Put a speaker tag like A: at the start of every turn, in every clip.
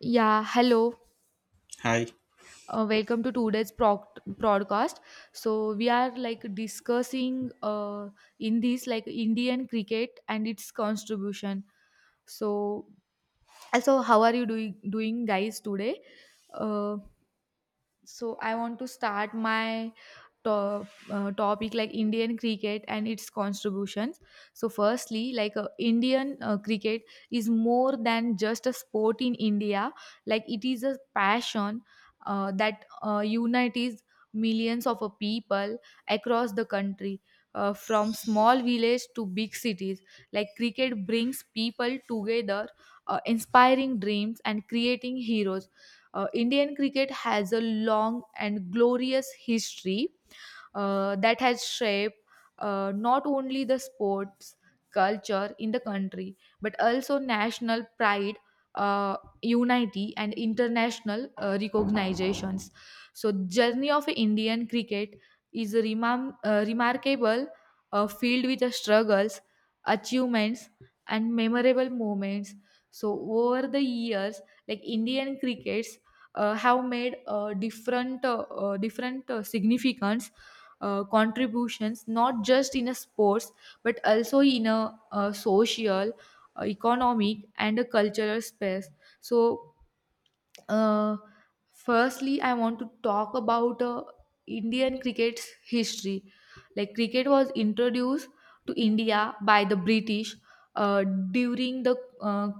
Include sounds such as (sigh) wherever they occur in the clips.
A: Yeah, hello.
B: Hi.
A: Welcome to today's broadcast. So we are discussing in this like Indian cricket and its contribution. So also, how are you doing guys today? Uh, so I want to start my to- topic like Indian cricket and its contributions. So, firstly, Indian cricket is more than just a sport in India, like it is a passion that unites millions of people across the country. From small village to big cities, like cricket brings people together, inspiring dreams and creating heroes. Indian cricket has a long and glorious history that has shaped not only the sports culture in the country but also national pride, unity and international recognitions. So journey of Indian cricket is a remarkable, filled with the struggles, achievements and memorable moments. So over the years, like Indian crickets have made different significance, contributions not just in a sports but also in a social, economic and a cultural space. So uh, firstly, I want to talk about Indian cricket's history. Like, cricket was introduced to India by the British uh, during the uh,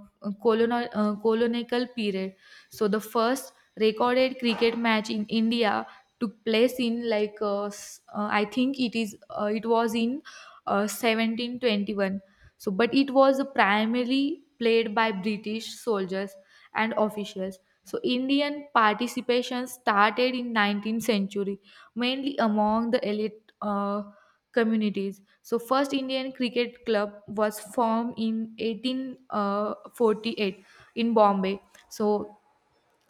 A: colonial period. So, the first recorded cricket match in India took place in like I think it is it was in 1721. So, but it was primarily played by British soldiers and officials. So, Indian participation started in 19th century, mainly among the elite communities. So, first Indian cricket club was formed in 1848 in Bombay. So,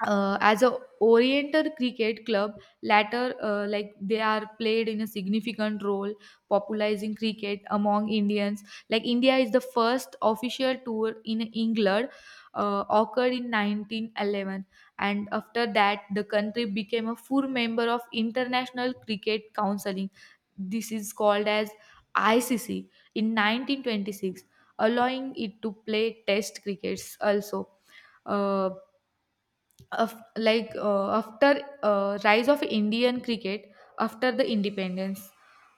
A: as a Oriental Cricket Club, latter like they are played in a significant role popularizing cricket among Indians. Like India is the first official tour in England occurred in 1911, and after that the country became a full member of International Cricket Counseling. This is called as ICC in 1926, allowing it to play test crickets also. Uh, of like after Rise of Indian cricket after the independence,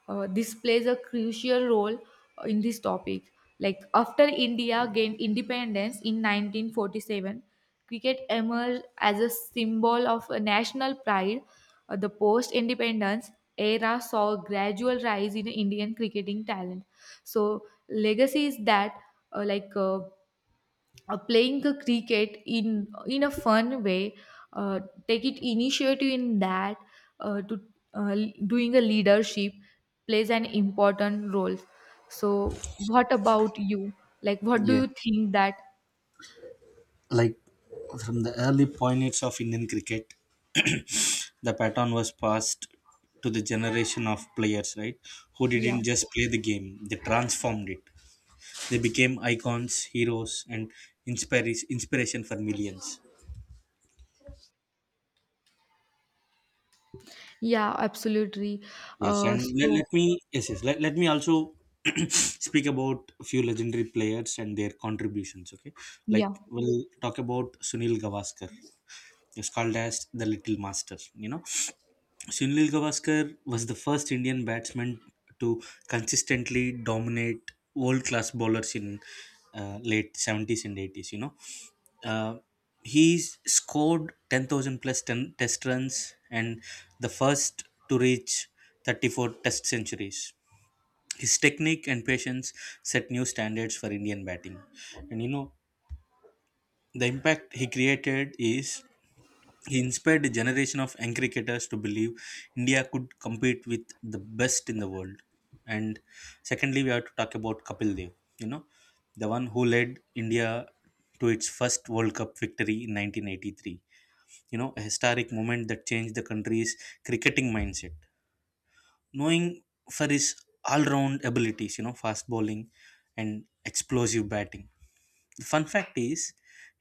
A: this plays a crucial role in this topic. Like after India gained independence in 1947, cricket emerged as a symbol of a national pride. The post independence era saw a gradual rise in Indian cricketing talent. So legacy is that uh, like uh, playing the cricket in a fun way, uh, take it initiative in that to uh, doing a leadership plays an important role. So what about you, like what do you
B: Yes.
A: think that?
B: Like from the early pioneers of Indian cricket, the pattern was passed to the generation of players, right? Who
A: Yeah.
B: didn't just play the game, they transformed it. They became icons, heroes, and inspires inspiration for millions.
A: Yeah, absolutely.
B: Yes,
A: uh,
B: and let,
A: so
B: let me yes, yes let, let me also (clears throat) speak about a few legendary players and their contributions. Okay,
A: yeah.
B: like we'll talk about Sunil Gavaskar. He's called as the Little Master. You know, Sunil Gavaskar was the first Indian batsman to consistently dominate world class bowlers in late 70s and 80s. Uh, he scored 10,000 plus 10 test runs and the first to reach 34 test centuries. His technique and patience set new standards for Indian batting. And the impact he created is he inspired a generation of young cricketers to believe India could compete with the best in the world. And secondly, we have to talk about Kapil Dev, you know, the one who led India to its first World Cup victory in 1983. A historic moment that changed the country's cricketing mindset. Knowing for his all round abilities, fast bowling and explosive batting. Fun fact is,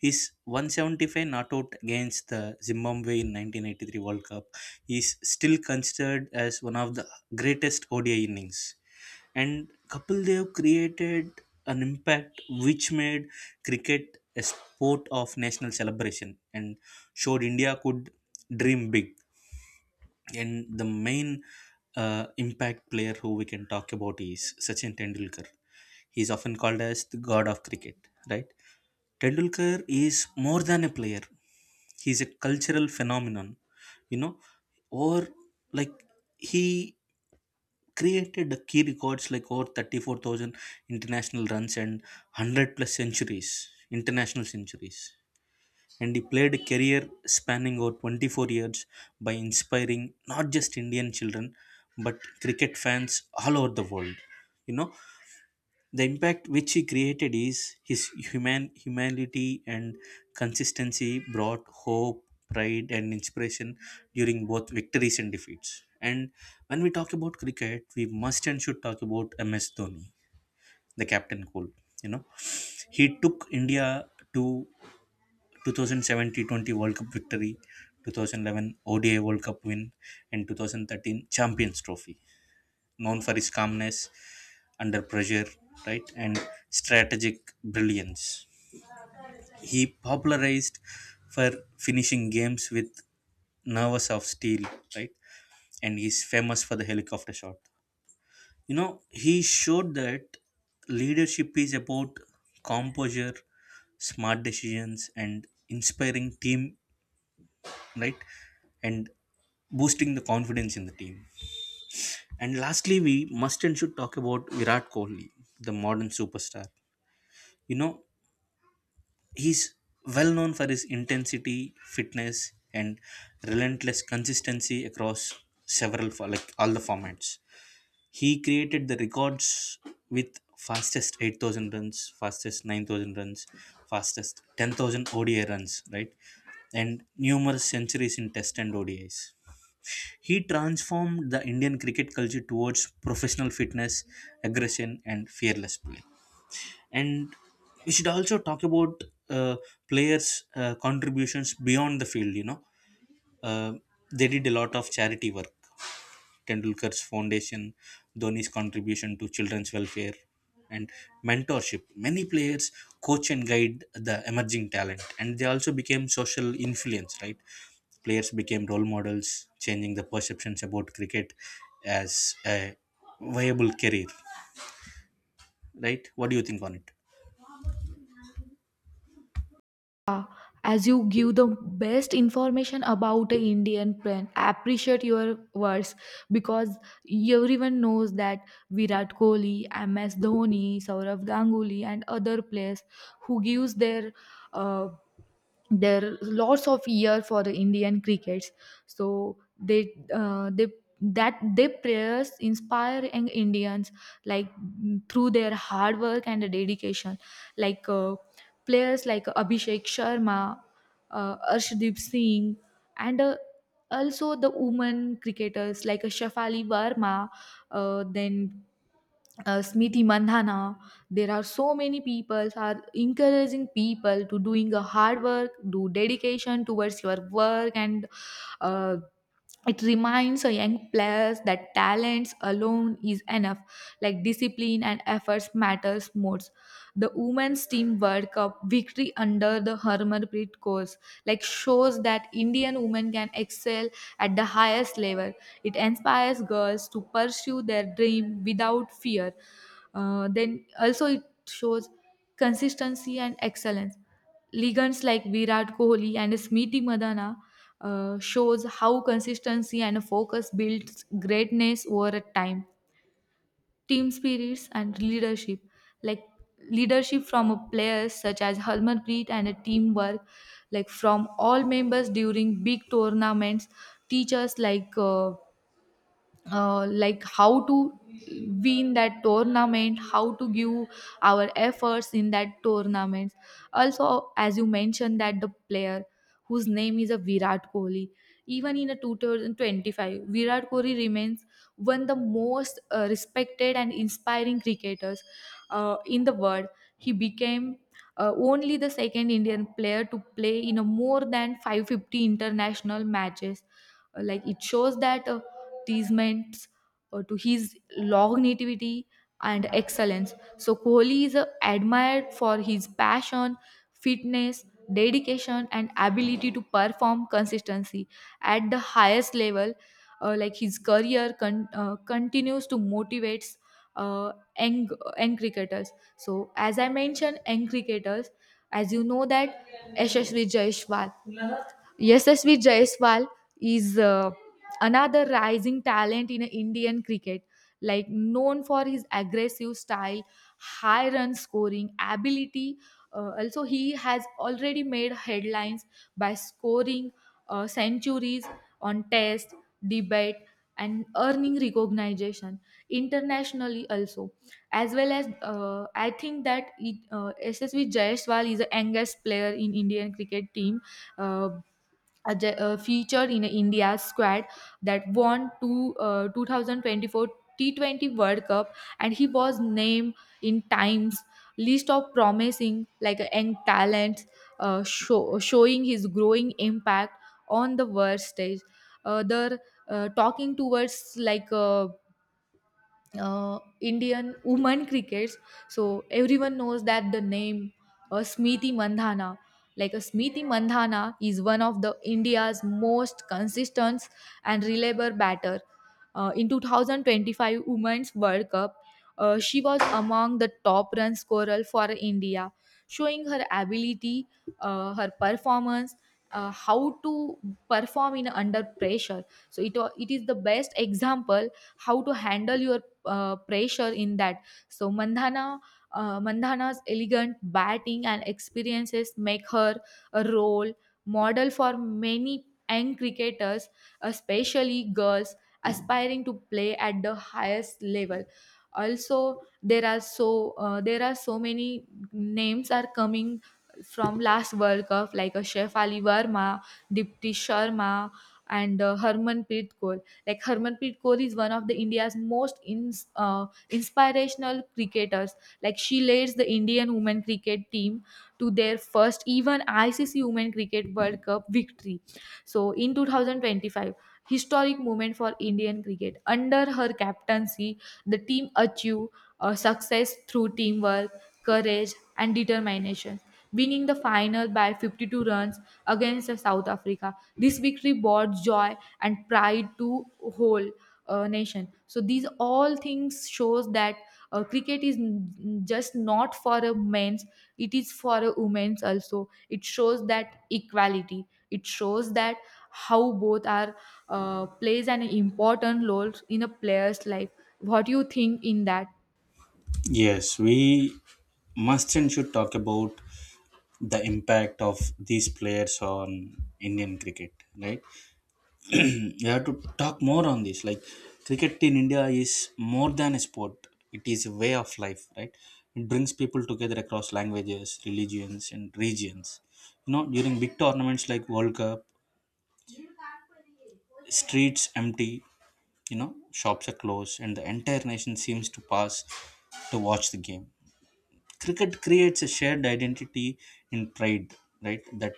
B: his 175 not out against the Zimbabwe in 1983 World Cup is still considered as one of the greatest ODI innings. And Kapil Dev created an impact which made cricket a sport of national celebration and showed India could dream big. And the main impact player who we can talk about is Sachin Tendulkar. He is often called as the god of cricket, right? Tendulkar is more than a player. He is a cultural phenomenon, you know, or like he created the key records like over 34,000 international runs and 100 plus centuries, international centuries, and he played a career spanning over 24 years by inspiring not just Indian children but cricket fans all over the world. You know, the impact which he created is his humanity and consistency brought hope, pride, and inspiration during both victories and defeats. And when we talk about cricket, we must and should talk about MS Dhoni, the captain cool. You know, he took India to 2007 T20 World Cup victory, 2011 ODI World Cup win, and 2013 Champions Trophy. Known for his calmness under pressure, right, and strategic brilliance. He popularized for finishing games with nerves of steel, right, and he's famous for the helicopter shot. He showed that leadership is about composure, smart decisions, and inspiring team, right, and boosting the confidence in the team. And lastly, we must and should talk about Virat Kohli, the modern superstar. You know he's well known for his intensity, fitness, and relentless consistency across like all the formats. He created the records with fastest 8,000 runs, fastest 9,000 runs, fastest 10,000 ODI runs, right, and numerous centuries in test and ODIs. He transformed the Indian cricket culture towards professional fitness, aggression, and fearless play. And we should also talk about uh, players' contributions beyond the field. Uh, they did a lot of charity work. Tendulkar's foundation, Dhoni's contribution to children's welfare, and mentorship. Many players coach and guide the emerging talent, and they also became social influence, right? Players became role models, changing the perceptions about cricket as a viable career, right? What do you think on it?
A: Yeah, as you give the best information about the Indian brand, I appreciate your words, because everyone knows that Virat Kohli, MS Dhoni, Saurav Ganguly, and other players who gives their uh, there are lots of year for the Indian crickets. So they that their prayers inspire Indians, like through their hard work and dedication. like uh, Players like Abhishek Sharma, Arshdeep Singh, and also the women cricketers like Shafali Verma, then Smriti Mandhana. There are so many people are encouraging people to doing a hard work, do dedication towards your work, and uh, it reminds a young players that talents alone is enough. Like discipline and efforts matters most. The women's team World Cup victory under the Harmanpreet course, like shows that Indian women can excel at the highest level. It inspires girls to pursue their dream without fear. Then also it shows consistency and excellence. Ligands like Virat Kohli and Smriti Madana shows how consistency and focus builds greatness over a time. Team spirits and leadership, like leadership from players such as Harmanpreet and a teamwork, like from all members during big tournaments. Teachers like how to win that tournament, how to give our efforts in that tournament. Also, as you mentioned that the player whose name is a Virat Kohli, even in a 2025 Virat Kohli remains one of the most respected and inspiring cricketers in the world. He became only the second Indian player to play in a more than 550 international matches. Like it shows that advertisements to his longevity and excellence. So Kohli is admired for his passion, fitness, dedication, and ability to perform consistency at the highest level. Like his career continues to motivate uh, young cricketers. So as I mentioned, young cricketers, as you know that Ashashri Jaishwal. SSV Jaiswal is another rising talent in Indian cricket, like known for his aggressive style, high run scoring ability. Also, he has already made headlines by scoring centuries on test, debate, and earning recognition internationally also. As well as I think that SSV Jaiswal is the youngest player in Indian cricket team uh, featured in India's squad that won two, 2024 T20 World Cup, and he was named in Times list of promising young talents, showing his growing impact on the world stage. They're Talking towards Indian women crickets. So everyone knows that the name Smriti Mandhana. Like a Smriti Mandhana is one of the India's most consistent and reliable batter. In 2025 Women's World Cup, she was among the top run scorer for India, showing her ability, her performance, how to perform in under pressure. So it is the best example how to handle your pressure in that. So Mandhana, Mandhana's elegant batting and experiences make her a role model for many young cricketers, especially girls aspiring to play at the highest level. Also, there are so many names are coming from last World Cup, like a Chef Ali Verma, Dipti Sharma, and Harmanpreet Kaur. Like Harmanpreet Kaur is one of the India's most inspirational cricketers. Like she leads the Indian women cricket team to their first even ICC Women Cricket World Cup victory. So in 2025, historic moment for Indian cricket. Under her captaincy, the team achieve success through teamwork, courage, and determination, winning the final by 52 runs against the South Africa. This victory brought joy and pride to whole nation. So these all things shows that cricket is just not for a men's; it is for a women's also. It shows that equality. It shows that how both are plays an important role in a player's life. What do you think in that?
B: Yes, we must and should talk about the impact of these players on Indian cricket, right? We have to talk more on this. Like cricket in India is more than a sport; it is a way of life, right? It brings people together across languages, religions, and regions. During big tournaments like World Cup, streets empty. Shops are closed, and the entire nation seems to pass to watch the game. Cricket creates a shared identity in pride, right? That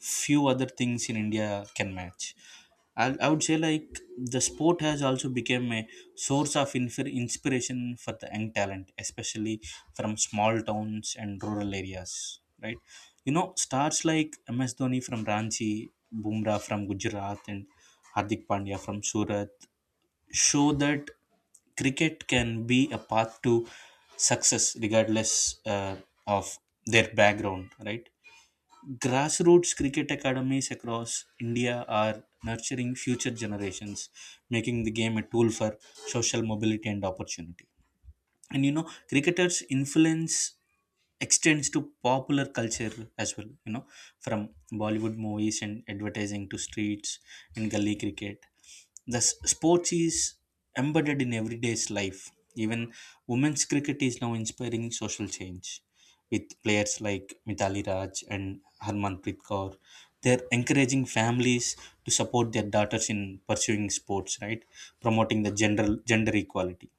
B: few other things in India can match. I would say, like, the sport has also become a source of inspiration for the young talent, especially from small towns and rural areas, right. Stars like MS Dhoni from Ranchi, Bumrah from Gujarat, and Hardik Pandya from Surat show that cricket can be a path to success regardless uh, of their background, right. Grassroots cricket academies across India are nurturing future generations, making the game a tool for social mobility and opportunity. And cricketers influence extends to popular culture as well. From Bollywood movies and advertising to streets and gully cricket, the sports is embedded in everyday's life. Even women's cricket is now inspiring social change with players like Mithali Raj and Harmanpreet Kaur. They're encouraging families to support their daughters in pursuing sports, right, promoting the general gender equality.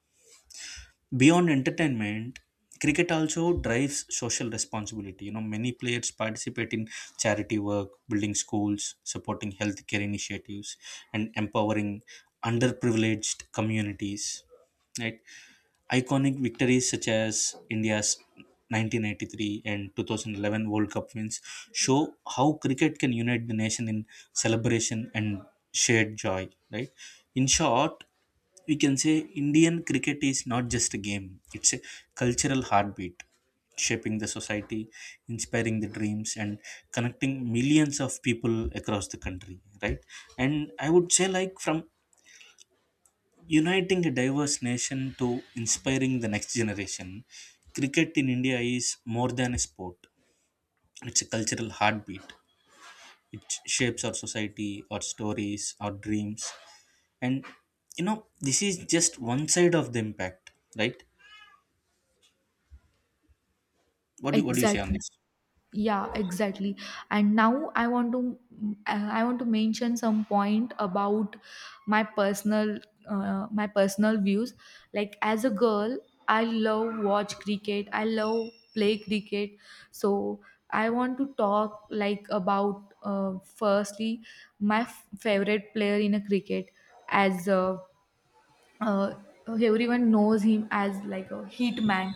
B: Beyond entertainment, cricket also drives social responsibility. Many players participate in charity work, building schools, supporting healthcare initiatives, and empowering underprivileged communities, right? Iconic victories such as India's 1983 and 2011 World Cup wins show how cricket can unite the nation in celebration and shared joy, right? In short, we can say Indian cricket is not just a game, it's a cultural heartbeat, shaping the society, inspiring the dreams, and connecting millions of people across the country, right? And I would say, like, from uniting a diverse nation to inspiring the next generation, cricket in India is more than a sport. It's a cultural heartbeat. It shapes our society, our stories, our dreams. And this is just one side of the impact, right? What do you say on
A: Exactly.
B: this?
A: Yeah, exactly. And now I want to I want to mention some point about my personal my personal views. Like as a girl, I love watch cricket, I love play cricket. So I want to talk like about firstly my favorite player in a cricket. As uh, Everyone knows him as like a hit man,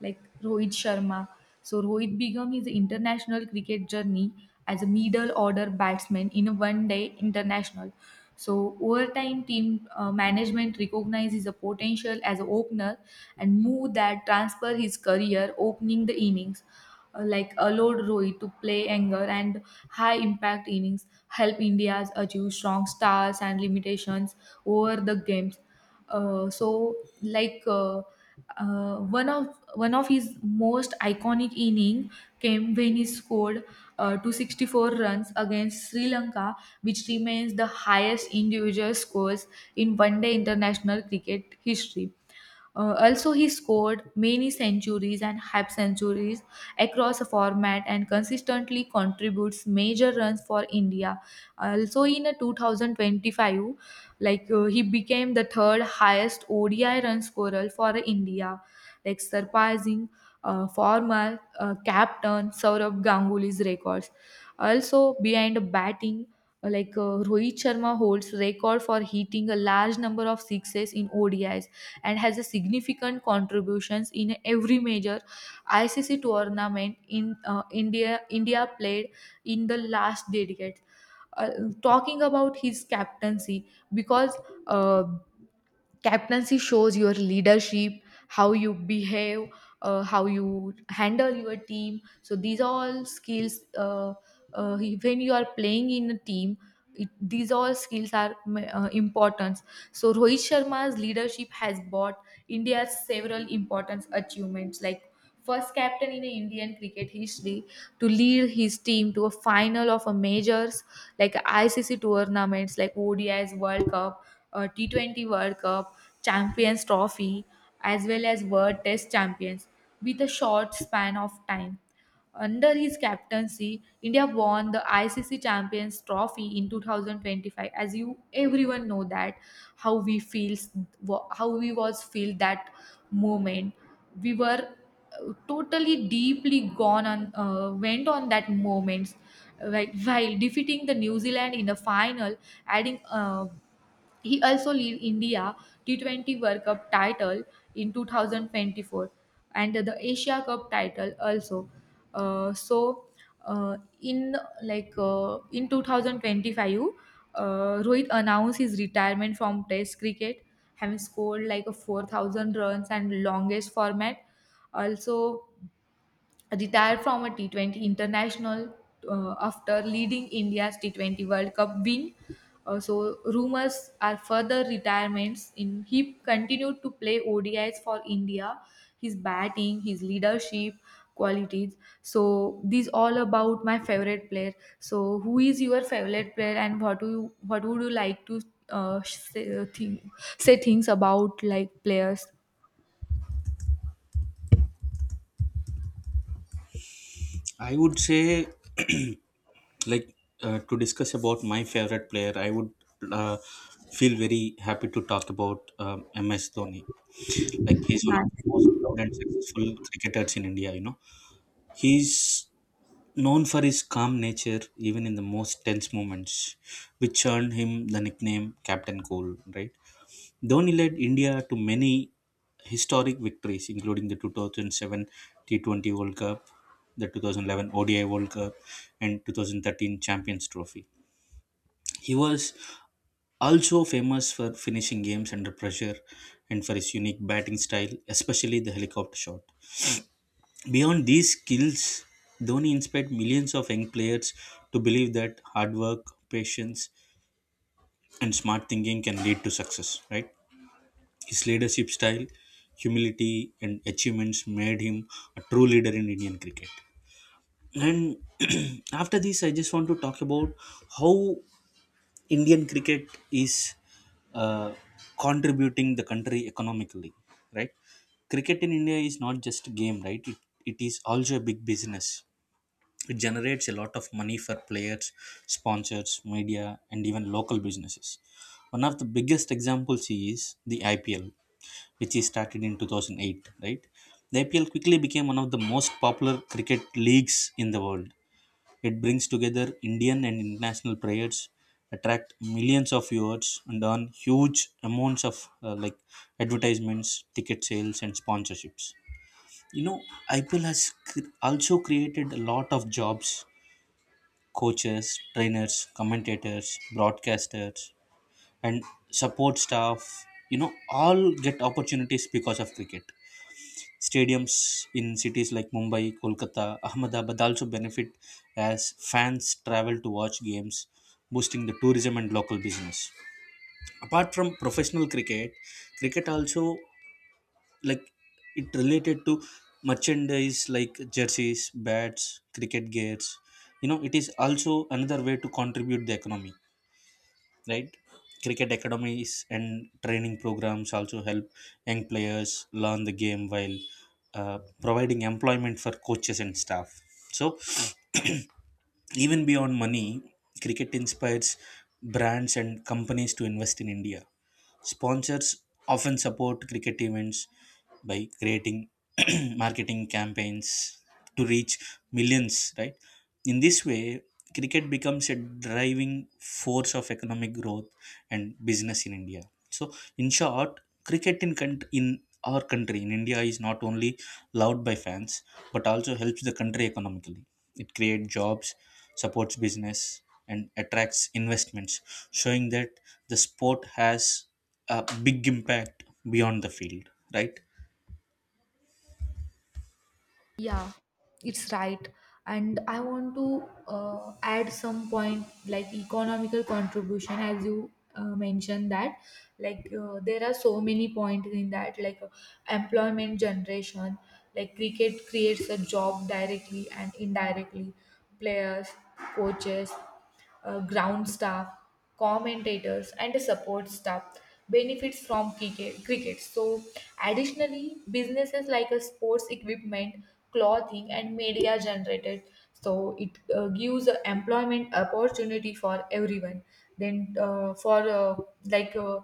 A: like Rohit Sharma. So Rohit began his international cricket journey as a middle order batsman in a one-day international. So over time, team management recognized his potential as an opener and moved that transfer his career opening the innings, allowed Rohit to play anger and high impact innings, help India achieve strong stars and limitations over the games. Uh, so like uh, One of his most iconic inning came when he scored 264 runs against Sri Lanka, which remains the highest individual scores in one day international cricket history. Also, he scored many centuries and half centuries across a format and consistently contributes major runs for India. Also, in a 2025, he became the third highest ODI run scorer for India, like surpassing former captain Saurabh Ganguly's records. Also, behind batting, Rohit Sharma holds record for hitting a large number of sixes in ODIs and has a significant contributions in every major ICC tournament in India played in the last decade. Uh, Talking about his captaincy because. Uh, Captaincy shows your leadership, how you behave, how you handle your team. So these are all skills uh, when you are playing in a team, these all skills are important. So Rohit Sharma's leadership has brought India several important achievements, like first captain in Indian cricket history to lead his team to a final of a majors like ICC tournaments like ODIs World Cup, T20 World Cup, Champions Trophy, as well as World Test Champions with a short span of time. Under his captaincy, India won the ICC Champions Trophy in 2025. As you everyone know that how we feels, how we was feel that moment, we were totally deeply gone on went on that moments, like while defeating the New Zealand in the final. Adding He also led India T20 World Cup title in 2024 and the Asia Cup title also. Uh, so uh, in in 2025, uh, Rohit announced his retirement from Test cricket, having scored like a 4,000 runs and longest format. Also, retired from a T20 international after leading India's T20 World Cup win. So rumors are further retirements. In he continued to play ODIs for India. His batting, his leadership qualities. So these all about my favorite player. So who is your favorite player, and what do you what would you like to say, think, say things about like players?
B: I would say, like, to discuss about my favorite player, I would uh, feel very happy to talk about MS Dhoni. Like, he's one of the
A: Nice.
B: most proud and successful cricketers in India. He's known for his calm nature even in the most tense moments, which earned him the nickname Captain Cool, right? Dhoni led India to many historic victories, including the 2007 T20 World Cup, the 2011 ODI World Cup, and 2013 Champions Trophy. He was also famous for finishing games under pressure and for his unique batting style, especially the helicopter shot. Beyond these skills, Dhoni inspired millions of young players to believe that hard work, patience, and smart thinking can lead to success, right? His leadership style, humility, and achievements made him a true leader in Indian cricket. And (clears throat) after this, I just want to talk about how Indian cricket is uh, contributing the country economically, right? Cricket in India is not just a game, right? It is also a big business. It generates a lot of money for players, sponsors, media, and even local businesses. One of the biggest examples is the IPL, which is started in 2008, right? The IPL quickly became one of the most popular cricket leagues in the world. It brings together Indian and international players, attract millions of viewers, and earn huge amounts of like advertisements, ticket sales, and sponsorships. You know, IPL has also created a lot of jobs. Coaches, trainers, commentators, broadcasters, and support staff, you know, all get opportunities because of cricket. Stadiums in cities like Mumbai, Kolkata, Ahmedabad also benefit as fans travel to watch games, boosting the tourism and local business. Apart from professional cricket, cricket also like it related to merchandise like jerseys, bats, cricket gears. It is also another way to contribute the economy, right. Cricket academies and training programs also help young players learn the game while providing employment for coaches and staff. So (clears throat) even beyond money, cricket inspires brands and companies to invest in India. Sponsors often support cricket events by creating (clears throat) marketing campaigns to reach millions, right. In this way, cricket becomes a driving force of economic growth and business in India. So, in short, cricket in country, in our country in India is not only loved by fans but also helps the country economically. It creates jobs, supports business, and attracts investments, showing that the sport has a big impact beyond the field, right?
A: Yeah, it's right. And I want to add some point like economical contribution, as you mentioned that. Like there are so many points in that, like employment generation, like cricket creates a job directly and indirectly, players, coaches ground staff, commentators, and the support staff benefits from cricket. So, additionally, businesses like a sports equipment, clothing, and media generated. So it gives a employment opportunity for everyone. Then for like.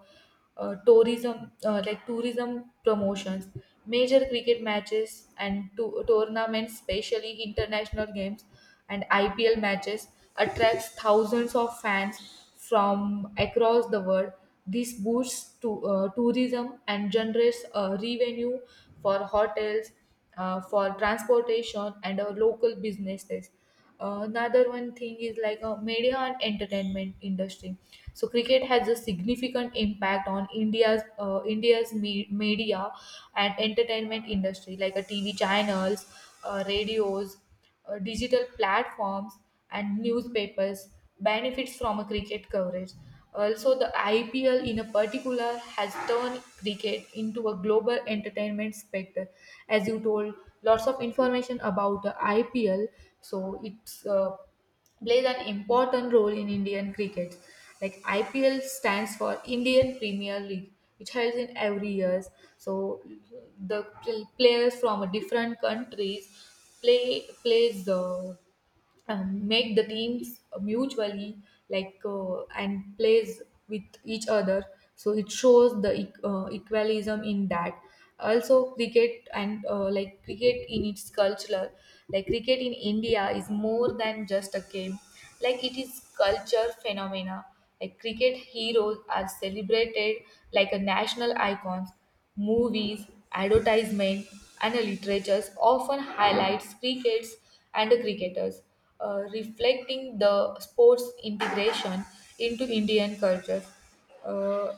A: Tourism like tourism promotions major cricket matches and tournaments especially international games and IPL matches attracts thousands of fans from across the world. This boosts to, tourism and generates revenue for hotels, for transportation, and local businesses. Another one thing is like media and entertainment industry. So cricket has a significant impact on India's media and entertainment industry, like a TV channels, radios digital platforms and newspapers benefits from a cricket coverage. Also, the IPL in a particular has turned cricket into a global entertainment spectre. As you told, lots of information about the IPL. So it's plays an important role in Indian cricket. Like IPL stands for Indian Premier League, which holds in every year. So the players from different countries plays the make the teams mutually like and plays with each other. So it shows the equalism in that. Also cricket and like cricket in its cultural, like cricket in India is more than just a game, like it is culture phenomena, like cricket heroes are celebrated like a national icons. Movies, advertisement, and literatures often highlights cricket's and cricketers, reflecting the sports integration into Indian cultures. Uh,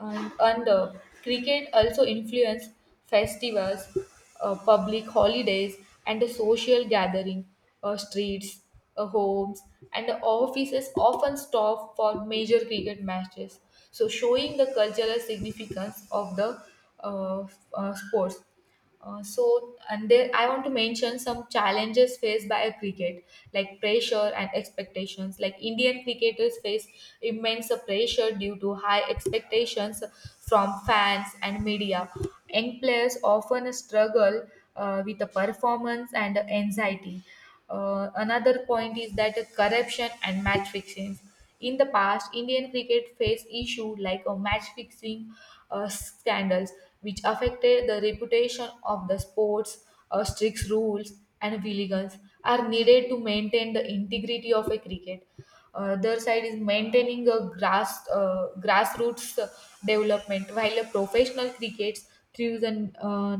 A: and cricket also influenced festivals, public holidays, and the social gathering, streets, homes, and the offices often stop for major cricket matches. So, showing the cultural significance of the uh, sports. So, and there I want to mention some challenges faced by a cricket, like pressure and expectations. Like Indian cricketers face immense pressure due to high expectations from fans and media. Young players often struggle with the performance and anxiety. Another point is that corruption and match fixing. In the past, Indian cricket faced issues like a match fixing scandals, which affected the reputation of the sports. Strict rules and vigilance are needed to maintain the integrity of a cricket. Other side is maintaining a grassroots development, while a professional cricket throws an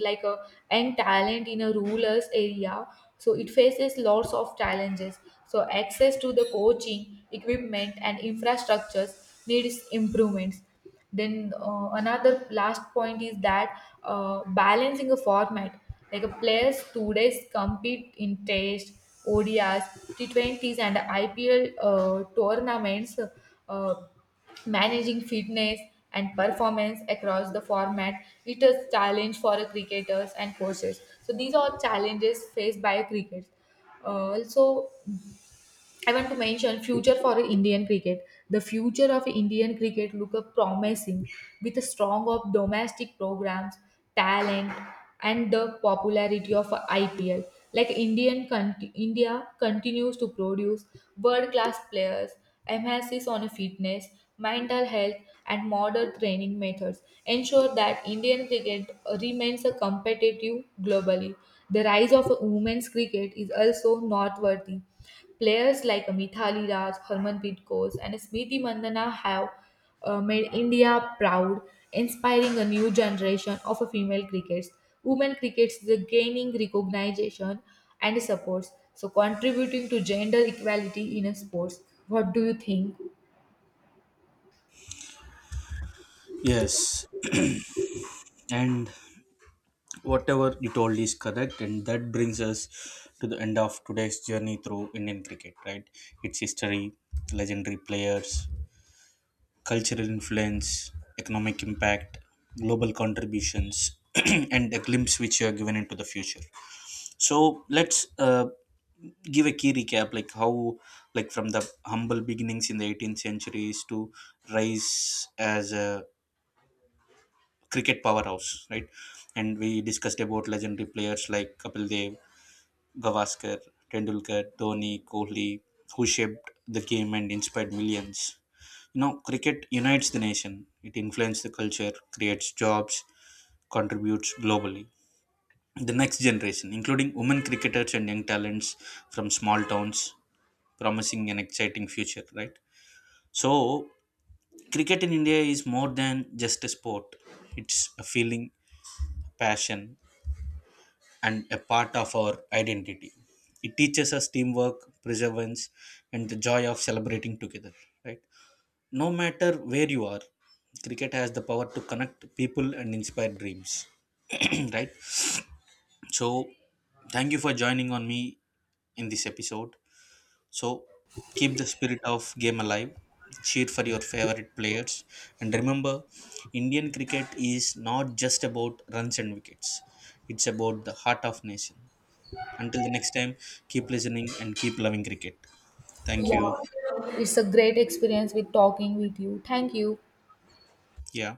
A: like a young talent in a rural area, so it faces lots of challenges. So access to the coaching, equipment, and infrastructures needs improvements. Then Another last point is that balancing a format like a players today's compete in Test, ODIs, T20s, and IPL tournaments. Uh, Managing fitness and performance across the format, it is challenge for a cricketers and coaches. So these are challenges faced by cricket. Also, I want to mention future for Indian cricket. The future of Indian cricket look up promising with a strong of domestic programs, talent, and the popularity of IPL. Like India continues to produce world class players, emphasis on fitness, mental health, and modern training methods ensure that Indian cricket remains a competitive globally. The rise of women's cricket is also noteworthy. Players like Mithali Raj, Harmanpreet Kaur, and Smriti Mandana have made India proud, inspiring a new generation of female crickets. Women crickets is gaining recognition and supports, so contributing to gender equality in sports. What do you think?
B: Yes, and whatever you told is correct and that brings us to the end of today's journey through Indian cricket, right. Its history, legendary players, cultural influence, economic impact, global contributions, (clears throat) and a glimpse which you are given into the future. So let's give a key recap, like how, like from the humble beginnings in the 18th centuries to rise as a cricket powerhouse, right. And we discussed about legendary players like Kapil Dev, Gavaskar, Tendulkar, Dhoni, Kohli, who shaped the game and inspired millions. Cricket unites the nation. It influences the culture, creates jobs, contributes globally. The next generation, including women cricketers and young talents from small towns, promising an exciting future, right? So, cricket in India is more than just a sport. It's a feeling, passion, and a part of our identity. It teaches us teamwork, perseverance, and the joy of celebrating together, right? No matter where you are, cricket has the power to connect people and inspire dreams. (clears throat) Right? So, thank you for joining on me in this episode. So, keep the spirit of game alive, cheer for your favorite players, and remember Indian cricket is not just about runs and wickets, it's about the heart of nation. Until the next time, keep listening and keep loving cricket. Thank you.
A: It's a great experience with talking with you. Thank you.
B: Yeah.